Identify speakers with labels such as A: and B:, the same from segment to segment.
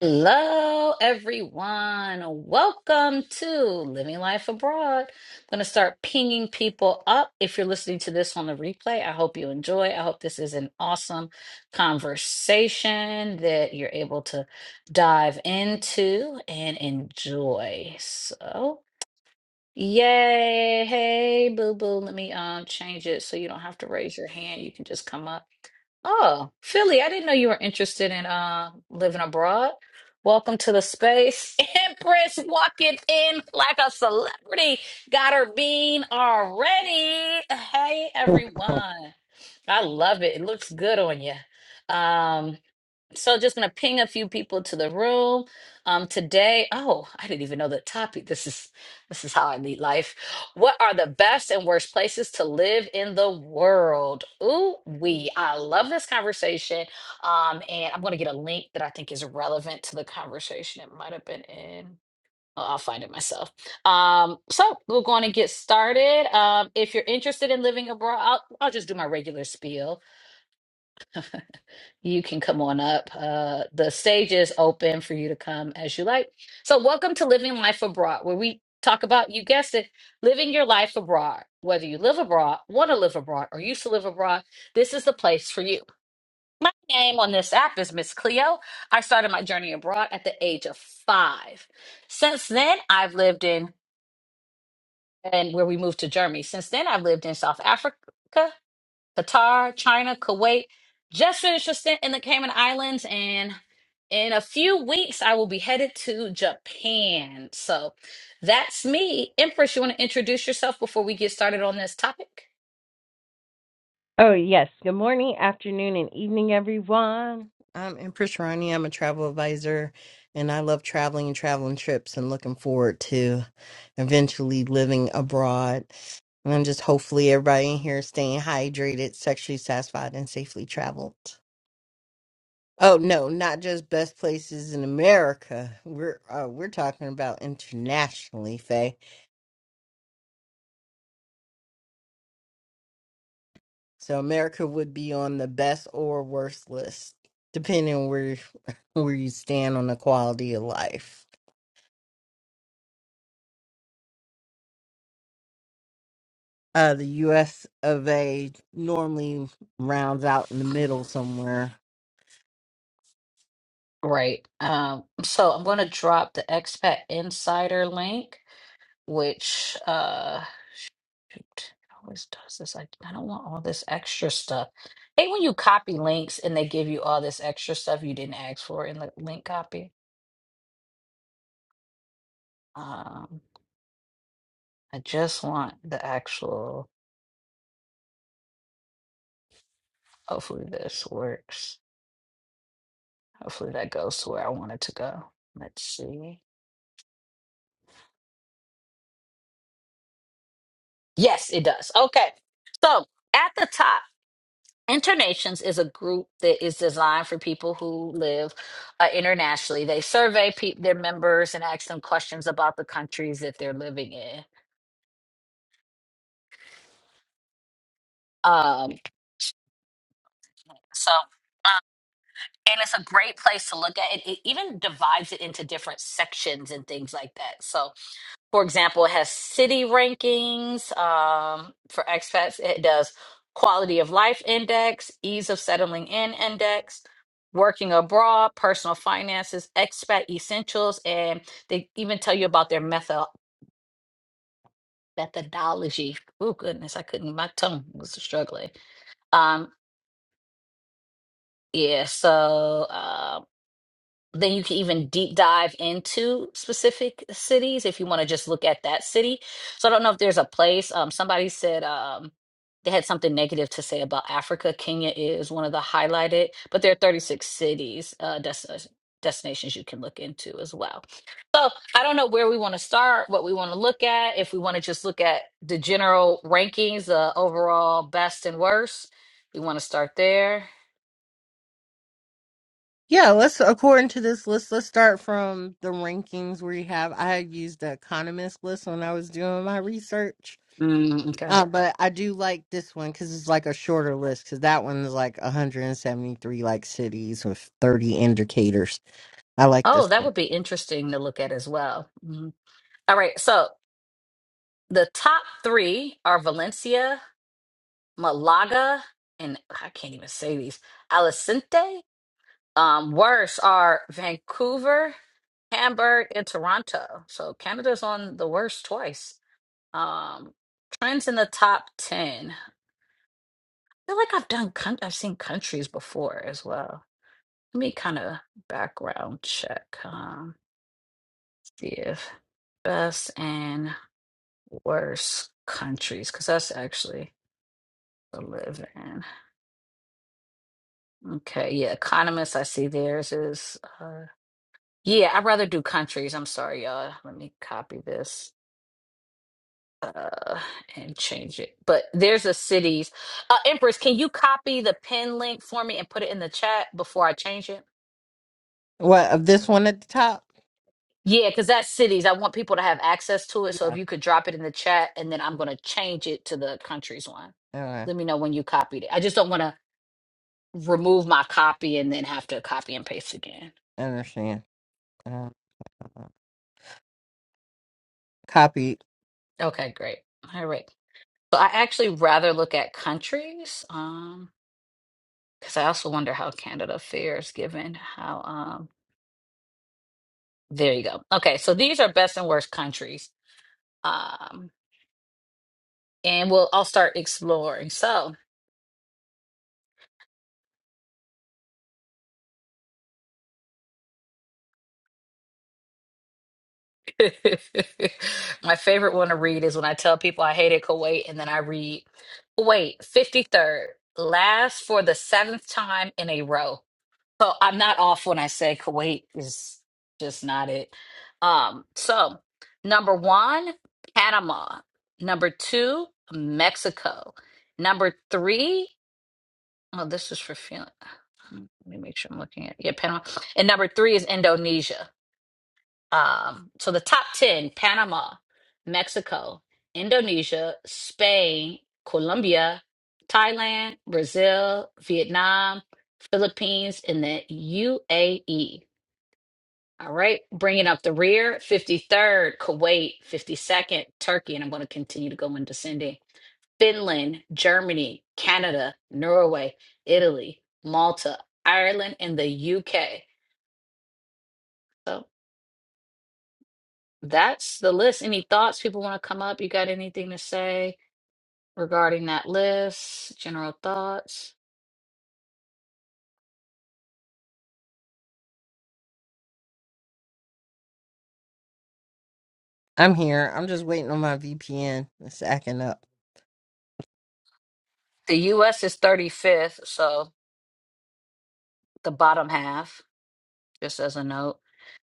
A: Hello, everyone. Welcome to Living Life Abroad. I'm going to start pinging people up. If you're listening to this on the replay, I hope you enjoy. I hope this is an awesome conversation that you're able to dive into and enjoy. So, yay. Hey, boo boo. Let me um change it so you don't have to raise your hand. You can just come up. Oh, Philly, I didn't know you were interested in uh living abroad. Welcome to the space. Empress walking in like a celebrity. Got her bean already. Hey everyone. I love it. It looks good on you. Um so just gonna ping a few people to the room. Um, today, oh, I didn't even know the topic. This is this is how I lead life. What are the best and worst places to live in the world? Ooh, we I love this conversation. Um, and I'm gonna get a link that I think is relevant to the conversation. It might have been in. oh, I'll find it myself. Um, so we're going to get started. Um, if you're interested in living abroad, I'll, I'll just do my regular spiel. You can come on up. Uh, the stage is open for you to come as you like. So, welcome to Living Life Abroad, where we talk about, you guessed it, living your life abroad. Whether you live abroad, want to live abroad, or used to live abroad, this is the place for you. My name on this app is Miss Cleo. I started my journey abroad at the age of five. Since then, I've lived in, and where we moved to Germany. Since then, I've lived in South Africa. Qatar, China, Kuwait. Just finished a stint in the Cayman Islands, and in a few weeks, I will be headed to Japan. So that's me. Empress, you want to introduce yourself before we get started on this topic?
B: Oh, yes. Good morning, afternoon, and evening, everyone. I'm Empress Ronnie. I'm a travel advisor, and I love traveling and traveling trips and looking forward to eventually living abroad. And I'm just hopefully everybody in here is staying hydrated, sexually satisfied, and safely traveled. Oh no, not just best places in America. We're uh, we're talking about internationally, Faye. So America would be on the best or worst list, depending on where where you stand on the quality of life. Uh, the U.S. of A. normally rounds out in the middle somewhere.
A: Great. Um, so I'm going to drop the Expat Insider link, which uh, shoot, it always does this. I, I don't want all this extra stuff. Hate when you copy links and they give you all this extra stuff you didn't ask for in the link copy. Um, I just want the actual. Hopefully, this works. Hopefully, that goes to where I want it to go. Let's see. Yes, it does. Okay. So, at the top, Internations is a group that is designed for people who live uh, internationally. They survey pe- their members and ask them questions about the countries that they're living in. Um, so, and it's a great place to look at. It, it even divides it into different sections and things like that. So, for example, it has city rankings um, for expats. It does quality of life index, ease of settling in index, working abroad, personal finances, expat essentials, and they even tell you about their method methodology. Oh goodness, I couldn't. My tongue was struggling. Um, yeah. So. uh, then you can even deep dive into specific cities if you want to just look at that city. So I don't know if there's a place. Um, somebody said um, they had something negative to say about Africa. Kenya is one of the highlighted, but there are 36 cities, uh, des- uh, destinations you can look into as well. So I don't know where we want to start, what we want to look at, if we want to just look at the general rankings, the overall best and worst. We want to start there.
B: Yeah, let's according to this list, let's start from the rankings where you have. I had used the Economist list when I was doing my research,
A: Mm, okay.
B: uh, but I do like this one because it's like a shorter list. Because that one is like 173 like cities with 30 indicators. I like this
A: Oh,
B: one.
A: that would be interesting to look at as well. Mhm. All right. So the top three are Valencia, Malaga, and I can't even say these. Alicante. Um, worse are Vancouver, Hamburg, and Toronto. So Canada's on the worst twice. Um, trends in the top 10. I feel like I've done, coun- I've seen countries before as well. Let me kind of background check. Um, see if best and worst countries because that's actually to live in. Okay, yeah, economists. I see theirs is. Uh, yeah, I'd rather do countries. I'm sorry, y'all. Let me copy this uh, and change it. But there's a cities. Uh, Empress, can you copy the pin link for me and put it in the chat before I change it?
B: What of this one at the top?
A: Yeah, because that's cities. I want people to have access to it. So
B: Yeah.
A: if you could drop it in the chat, and then I'm going to change it to the countries one.
B: Uh,
A: Let me know when you copied it. I just don't want to remove my copy and then have to copy and paste again.
B: I understand. Uh, copy.
A: Okay, great. All right. So I actually rather look at countries, um, because I also wonder how Canada fares given how um there you go. Okay, so these are best and worst countries. Um and we'll I'll start exploring. So my favorite one to read is when I tell people I hated Kuwait and then I read Kuwait, 53rd, last for the seventh time in a row. So I'm not off when I say Kuwait is just not it. Um, so number one, Panama. Number two, Mexico. Number three, oh, this is for feeling. Let me make sure I'm looking at yeah, Panama. And number three is Indonesia. Um, so the top 10 Panama, Mexico, Indonesia, Spain, Colombia, Thailand, Brazil, Vietnam, Philippines, and the UAE. All right, bringing up the rear 53rd, Kuwait, 52nd, Turkey, and I'm going to continue to go in descending. Finland, Germany, Canada, Norway, Italy, Malta, Ireland, and the UK. that's the list. Any thoughts people want to come up? You got anything to say regarding that list? General thoughts?
B: I'm here. I'm just waiting on my VPN. It's acting up.
A: The US is 35th, so the bottom half, just as a note.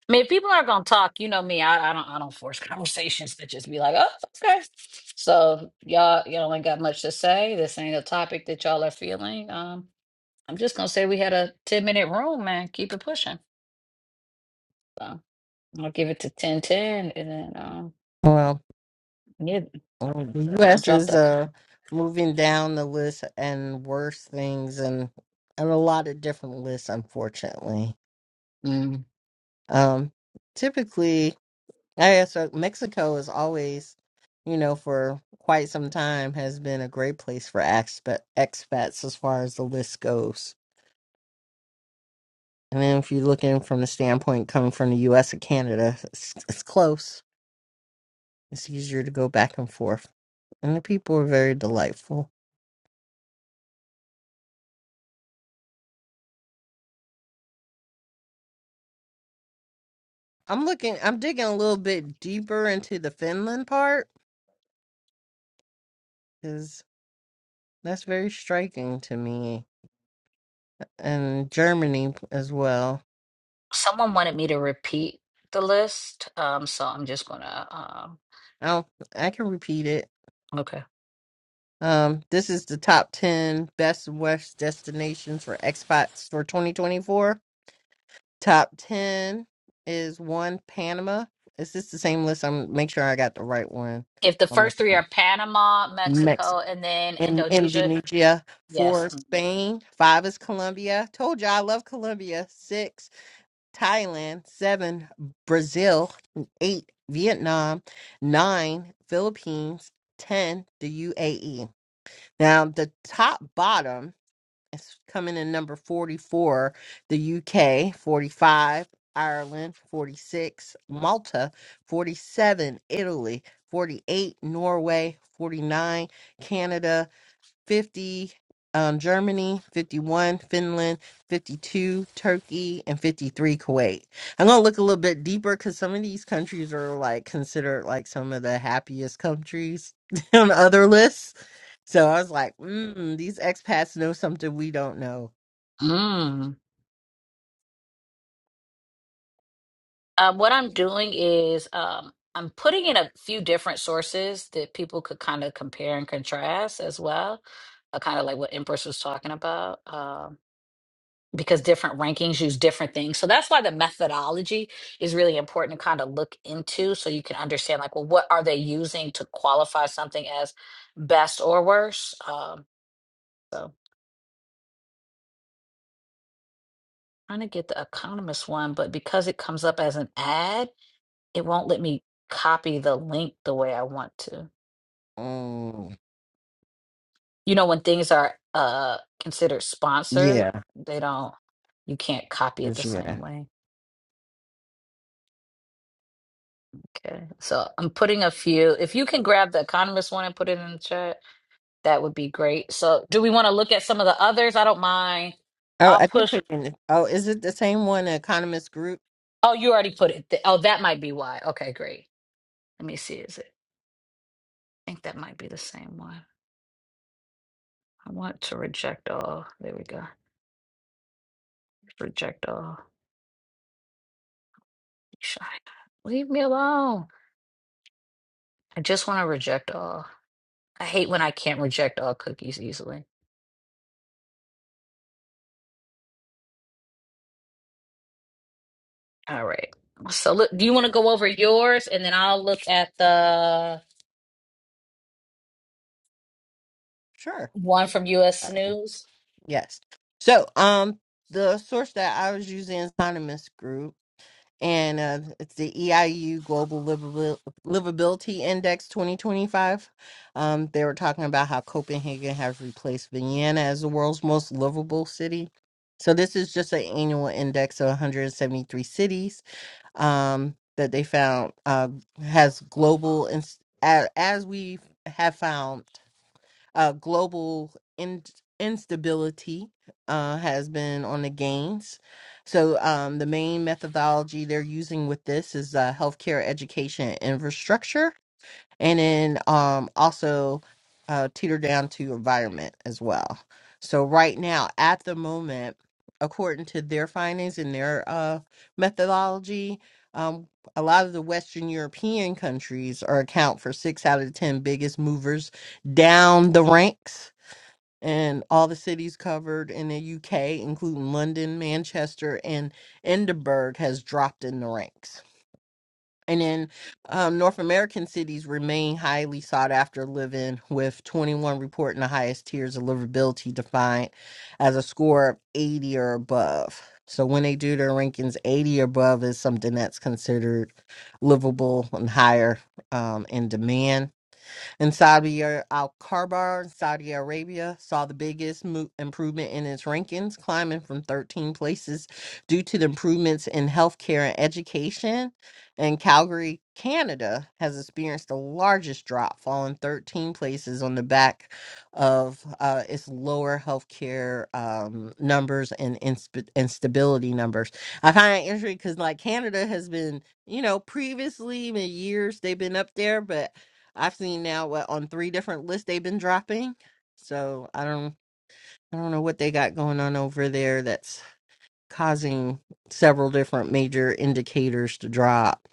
A: I mean, if people are not gonna talk, you know me, I, I don't I don't force conversations to just be like, oh, okay. So y'all y'all ain't got much to say. This ain't a topic that y'all are feeling. Um, I'm just gonna say we had a 10 minute room, man. Keep it pushing. So I'll give it to 10 10, and then um
B: Well,
A: yeah,
B: um, the
A: I'll
B: U.S.
A: drop
B: is
A: the
B: uh moving down the list and worse things, and and a lot of different lists, unfortunately.
A: Mm.
B: Um, typically, I guess uh, Mexico is always, you know, for quite some time has been a great place for expat expats as far as the list goes And then if you're looking from the standpoint coming from the US or Canada, it's, it's close. It's easier to go back and forth. And the people are very delightful. I'm looking, I'm digging a little bit deeper into the Finland part because that's very striking to me. And Germany as well.
A: Someone wanted me to repeat the list, um, so I'm just gonna. Um,
B: I'll, I can repeat it.
A: okay.
B: Um, this is the top 10 best West destinations for expats for 2024. Top 10 is one Panama. Is this the same list? I'm make sure I got the right one.
A: If the
B: I'm
A: first
B: looking
A: three
B: at
A: are Panama,
B: Mexico
A: Mexico, and then
B: in
A: Indonesia,
B: Indonesia,
A: yes.
B: four
A: Mm.
B: Spain, five is Colombia. Told you I love Colombia. Six Thailand, seven Brazil, eight Vietnam, nine Philippines, ten the UAE. Now the top bottom. It's coming in number 44, the UK, 45, Ireland, 46, Malta, 47, Italy, 48, Norway, 49, Canada, 50 um, Germany, 51 Finland, 52 Turkey, and 53 Kuwait. I'm going to look a little bit deeper because some of these countries are like considered like some of the happiest countries on other lists. So I was like, mm, these expats know something we don't know.
A: Mm. Um, what I'm doing is um, I'm putting in a few different sources that people could kind of compare and contrast as well, uh, kind of like what Empress was talking about. Um, because different rankings use different things. So that's why the methodology is really important to kind of look into so you can understand like, well, what are they using to qualify something as best or worse? Um, so trying to get the economist one, but because it comes up as an ad, it won't let me copy the link the way I want to.
B: Mm,
A: You know, when things are uh considered sponsored,
B: yeah,
A: they don't you can't copy it the
B: this year.
A: same way. Okay. So I'm putting a few. If you can grab the economist one and put it in the chat. That would be great. So, do we want to look at some of the others? I don't mind.
B: Oh,
A: I'll
B: I did
A: push.
B: put in. Oh, is it the same one, Economist Group?
A: Oh, you already put it. th- Oh, that might be why. Okay, great. Let me see. Is it? I think that might be the same one. I want to reject all. There we go. Reject all. Shy. Leave me alone. I just want to reject all. I hate when I can't reject all cookies easily. All right. So, look, do you want to go over yours and then I'll look at the
B: Sure.
A: one from US News?
B: Yes. So, um, the source that I was using is Economist Group and uh, it's the EIU Global Livabil- Livability Index 2025. Um, they were talking about how Copenhagen has replaced Vienna as the world's most livable city. So this is just an annual index of 173 cities um, that they found uh, has global ins- a- as we have found. Uh, global in- instability uh, has been on the gains. So, um, the main methodology they're using with this is uh, healthcare education and infrastructure and then um, also uh, teeter down to environment as well. So right now, at the moment, according to their findings and their uh, methodology, um, a lot of the Western European countries are account for six out of the ten biggest movers down the ranks. And all the cities covered in the UK, including London, Manchester, and Edinburgh, has dropped in the ranks. And then um, North American cities remain highly sought after living, with 21 reporting the highest tiers of livability defined as a score of 80 or above. So when they do their rankings, 80 or above is something that's considered livable and higher um, in demand in Saudi Ar- Al Karbar, Saudi Arabia, saw the biggest mo- improvement in its rankings, climbing from 13 places due to the improvements in healthcare and education. And Calgary, Canada, has experienced the largest drop, falling 13 places on the back of uh, its lower healthcare um, numbers and insp- instability numbers. I find it interesting because, like, Canada has been you know, previously in years they've been up there, but I've seen now what on three different lists they've been dropping. So I don't I don't know what they got going on over there that's causing several different major indicators to drop.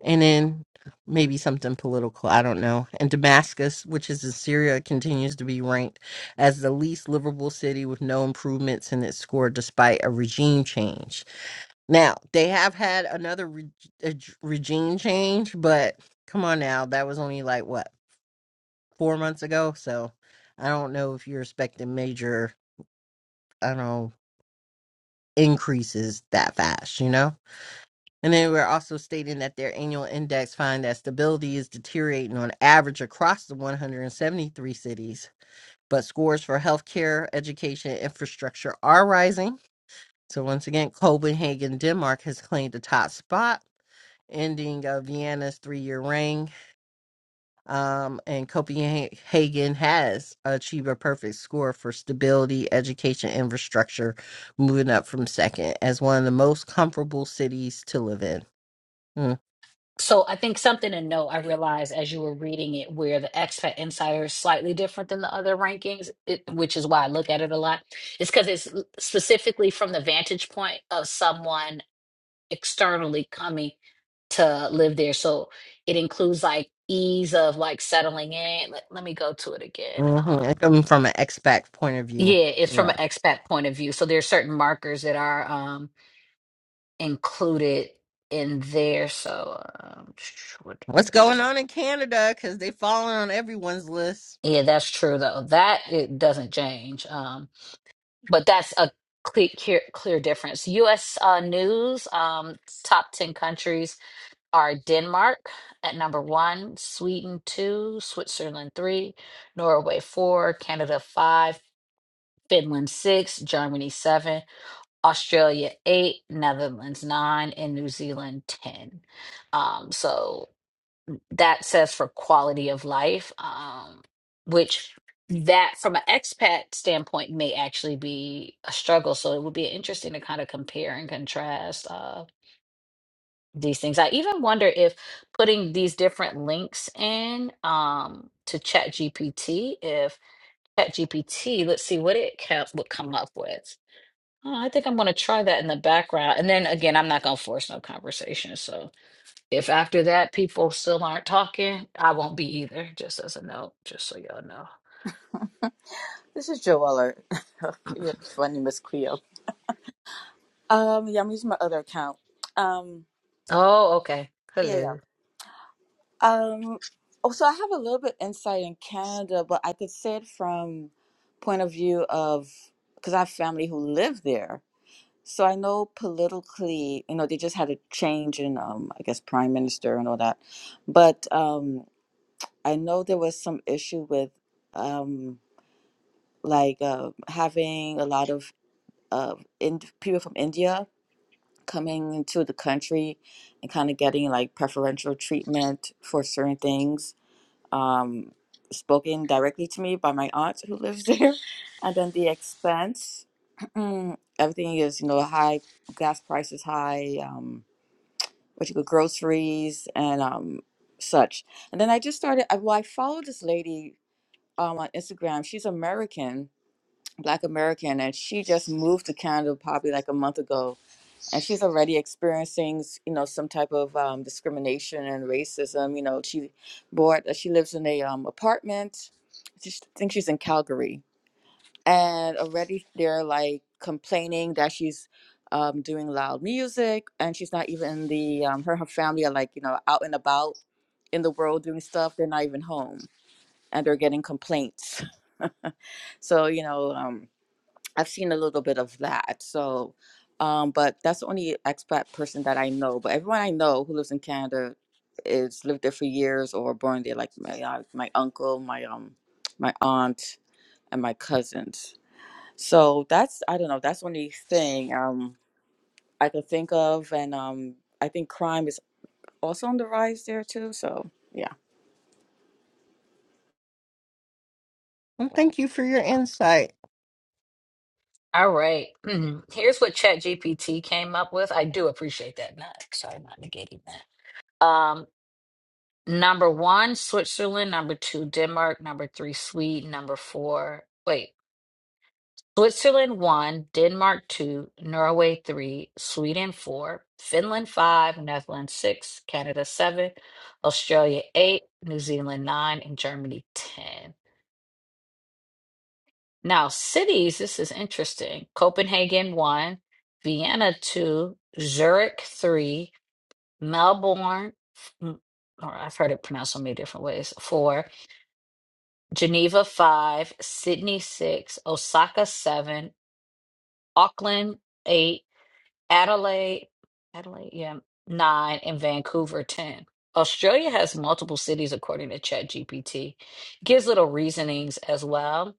B: And then maybe something political, I don't know. And Damascus, which is in Syria, continues to be ranked as the least livable city with no improvements in its score despite a regime change. Now, they have had another re- a- j- regime change, but come on now, that was only like what? four months ago. So I don't know if you're expecting major, I don't know, increases that fast, you know? And they were also stating that their annual index find that stability is deteriorating on average across the 173 cities, but scores for healthcare, education, and infrastructure are rising. So once again, Copenhagen, Denmark has claimed the top spot, ending uh, Vienna's three-year reign um, and Copenhagen has achieved a perfect score for stability, education, infrastructure, moving up from second as one of the most comfortable cities to live in. Hmm,
A: So I think something to note, I realized as you were reading it, where the expat insider is slightly different than the other rankings, it, which is why I look at it a lot, is because it's l- specifically from the vantage point of someone externally coming to live there. So it includes like ease of like settling in. Let, let me go to it again. Uh,
B: Mm-hmm. Coming from an expat point of view,
A: yeah, it's from
B: yeah.
A: an expat point of view. So there are certain markers that are um, included in there. So um, what, where
B: What's
A: does it
B: going on in Canada? Because they falling on everyone's list.
A: Yeah, that's true though. That it doesn't change. Um, but that's a clear, clear, clear difference. U.S. uh, news um, top ten countries are Denmark at number one, Sweden two, Switzerland three, Norway four, Canada five, Finland six, Germany seven, Australia eight, Netherlands nine, and New Zealand ten. Um, so that says for quality of life, um, which that from an expat standpoint may actually be a struggle. So it would be interesting to kind of compare and contrast uh, these things. I even wonder if putting these different links in um, to ChatGPT, if ChatGPT, let's see what it kept, would come up with. Oh, I think I'm going to try that in the background. And then again, I'm not going to force no conversation. So. If after that people still aren't talking, I won't be either, just as a note, just so y'all know.
C: This is Joe Weller. You're funny, Miss Cleo. Um, yeah, I'm using my other account. Um,
A: Oh, okay.
C: yeah, yeah.
A: Hello.
C: Um, oh, so I have a little bit insight in Canada, but I could say it from point of view of because I have family who live there. So I know politically, you know, they just had a change in, um, I guess, prime minister and all that. But um, I know there was some issue with, um, like, uh, having a lot of uh, in- people from India coming into the country and kind of getting like preferential treatment for certain things um, spoken directly to me by my aunt who lives there. And then the expense, everything is, you know, high, gas prices high, um, what you go, groceries and um, such. And then I just started, I, well, I followed this lady um, on Instagram. She's American, Black American, and she just moved to Canada probably like a month ago and she's already experiencing s- you know some type of um, discrimination and racism you know she bought uh, she lives in a um, apartment I just think she's in calgary and already they're like complaining that she's um, doing loud music and she's not even in the um, her and her family are like you know out and about in the world doing stuff they're not even home and they're getting complaints so you know um, I've seen a little bit of that. So, um, but that's the only expat person that I know. But everyone I know who lives in Canada is lived there for years or born there, like my uh, my uncle, my um, my aunt, and my cousins. So that's I don't know. That's the only thing um I can think of, and um I think crime is also on the rise there too. So yeah.
B: Well, thank you for your insight.
A: All right. Mhm. Here's what ChatGPT came up with. I do appreciate that. Not sorry, not negating that. Um, number one, Switzerland. Number two, Denmark. Number three, Sweden. Number four. Wait. Switzerland one, Denmark two, Norway three, Sweden four, Finland five, Netherlands six, Canada seven, Australia eight, New Zealand nine, and Germany ten. Now, cities, this is interesting. Copenhagen one, Vienna two, Zurich three, Melbourne, mm, or I've heard it pronounced so many different ways, four, Geneva five, Sydney six, Osaka seven, Auckland eight. Adelaide, Adelaide, yeah, nine, and Vancouver, 10. Australia has multiple cities according to ChatGPT. Gives little reasonings as well.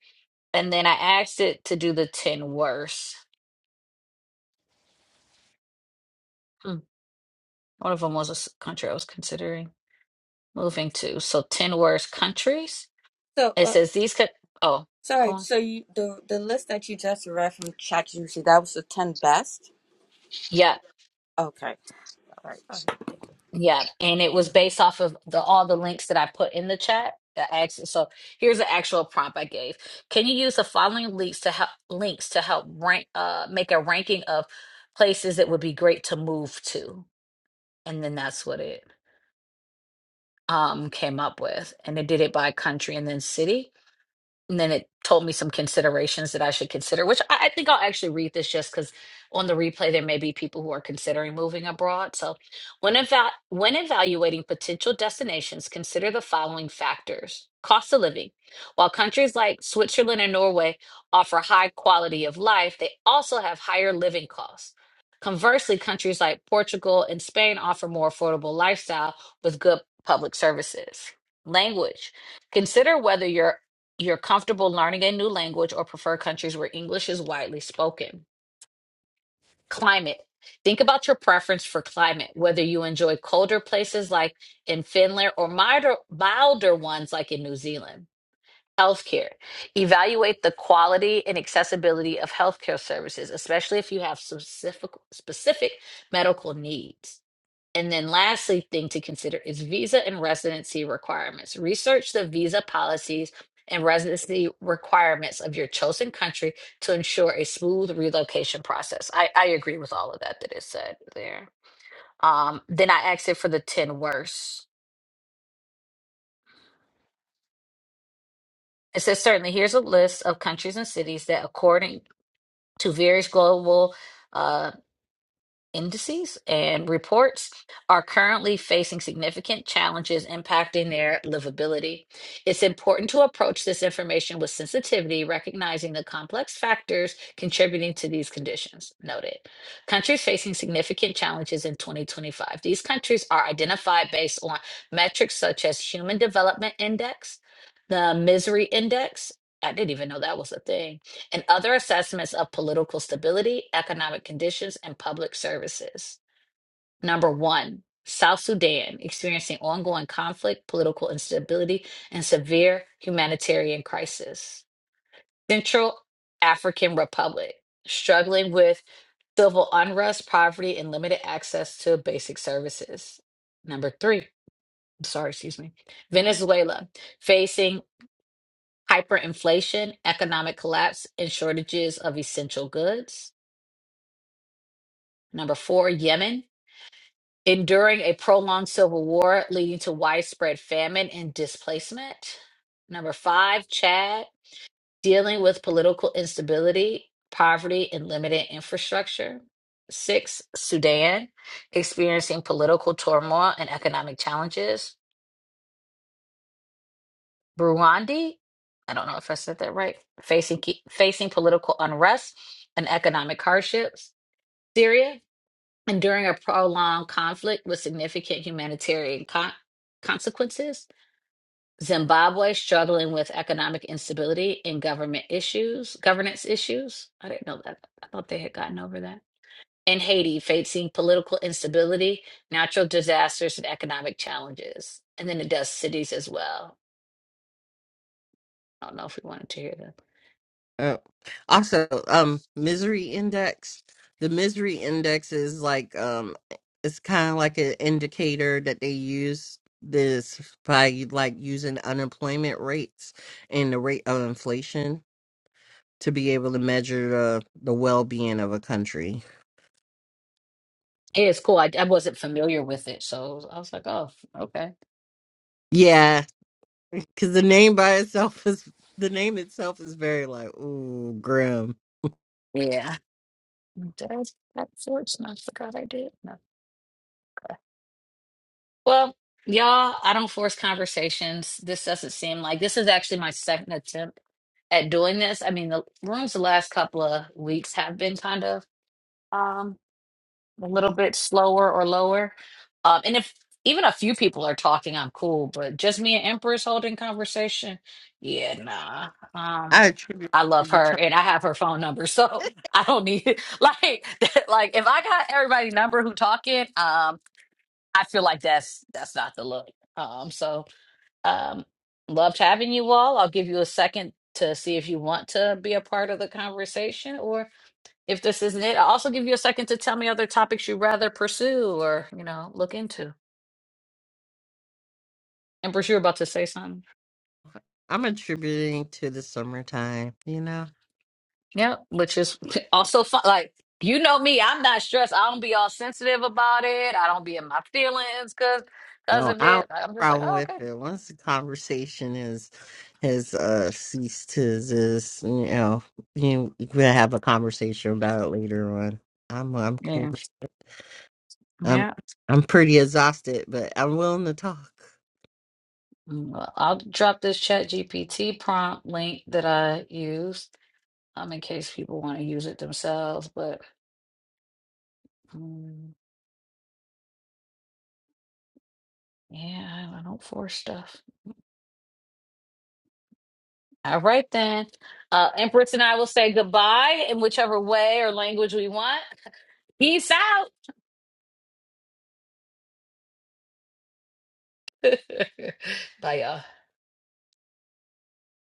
A: And then I asked it to do the 10 worst. Hmm, One of them was a s- country I was considering moving to. So 10 worst countries.
C: So,
A: It
C: uh,
A: says these could, oh, go
C: sorry.
A: on.
C: So you the the list that you just read from ChatGPT that was the ten best.
A: Yeah,
C: Okay. All right.
A: Yeah, and it was based off of the all the links that I put in the chat. I asked- So here's the actual prompt I gave. Can you use the following links to help links to help rank uh make a ranking of places that would be great to move to? And then that's what it um came up with. And it did it by country and then city and then it told me some considerations that I should consider, which I, I think I'll actually read this just because on the replay there may be people who are considering moving abroad. So, when eva- when evaluating potential destinations, consider the following factors: cost of living. While countries like Switzerland and Norway offer high quality of life, they also have higher living costs. Conversely, countries like Portugal and Spain offer more affordable lifestyle with good public services. Language. Consider whether your you're comfortable learning a new language or prefer countries where English is widely spoken. Climate. Think about your preference for climate, whether you enjoy colder places like in Finland or milder, milder ones like in New Zealand. Healthcare. Evaluate the quality and accessibility of healthcare services, especially if you have specific, specific medical needs. And then lastly, thing to consider is visa and residency requirements. Research the visa policies and residency requirements of your chosen country to ensure a smooth relocation process. I, I agree with all of that that is said there. Um, then I asked it for the 10 worst. It says certainly here's a list of countries and cities that according to various global uh, indices and reports are currently facing significant challenges impacting their livability. It's important to approach this information with sensitivity, recognizing the complex factors contributing to these conditions. Noted. Countries facing significant challenges in 2025. These countries are identified based on metrics such as Human Development Index, the Misery Index. I didn't even know that was a thing and other assessments of political stability, economic conditions, and public services. Number one, South Sudan experiencing ongoing conflict, political instability, and severe humanitarian crisis. Central African Republic struggling with civil unrest, poverty, and limited access to basic services. Number three, sorry, excuse me, Venezuela facing hyperinflation, economic collapse, and shortages of essential goods. Number four, Yemen, enduring a prolonged civil war leading to widespread famine and displacement. Number five, Chad, dealing with political instability, poverty, and limited infrastructure. Six, Sudan, experiencing political turmoil and economic challenges. Burundi, I don't know if I said that right, facing, facing political unrest and economic hardships. Syria, and during a prolonged conflict with significant humanitarian con- consequences. Zimbabwe struggling with economic instability and government issues, governance issues. I didn't know that. I thought they had gotten over that. And Haiti facing political instability, natural disasters, and economic challenges. And then it does cities as well. I don't know if we wanted to hear that.
B: Oh. Also, um, misery index. The misery index is like um, it's kind of like an indicator that they use this by like using unemployment rates and the rate of inflation to be able to measure the the well being of a country.
A: Yeah, it's cool. I, I wasn't familiar with it, so I was like, oh, okay.
B: Yeah, because the name by itself is the name itself is very like ooh grim.
A: Yeah. That's, that's worse. I forgot I did. Well, y'all, I don't force conversations. This doesn't seem like this is actually my second attempt at doing this. I mean, the rooms the last couple of weeks have been kind of um a little bit slower or lower. Um, and if even a few people are talking, I'm cool, but just me and Empress holding conversation, yeah, nah. Um,
B: I attribute
A: I
B: it to
A: love
B: the
A: her
B: Trump.
A: and I have her phone number, so I don't need like like if I got everybody number who talking, um. I feel like that's that's not the look. Um, so um, loved having you all. I'll give you a second to see if you want to be a part of the conversation or if this isn't it. I'll also give you a second to tell me other topics you'd rather pursue or you know look into. And Bruce, you're about to say something.
B: I'm attributing to the summertime, you know.
A: Yeah, which is also fun. Like you know me, I'm not stressed. I don't be all sensitive about it. I don't be in my feelings because because
B: No,
A: of
B: I don't have
A: it. Like, I'm
B: a
A: just like,
B: problem
A: oh okay,
B: with it. Once the conversation is has uh ceased to exist, you know, you you can have a conversation about it later on. I'm I'm cool.
A: yeah,
B: I'm
A: yeah.
B: I'm pretty exhausted, but I'm willing to talk.
A: Mm, well, I'll drop this Chat GPT prompt link that I use um, in case people want to use it themselves. But mm, yeah, I I don't force stuff. All right, then. Uh, Empress and I will say goodbye in whichever way or language we want. Peace out. Bye, y'all.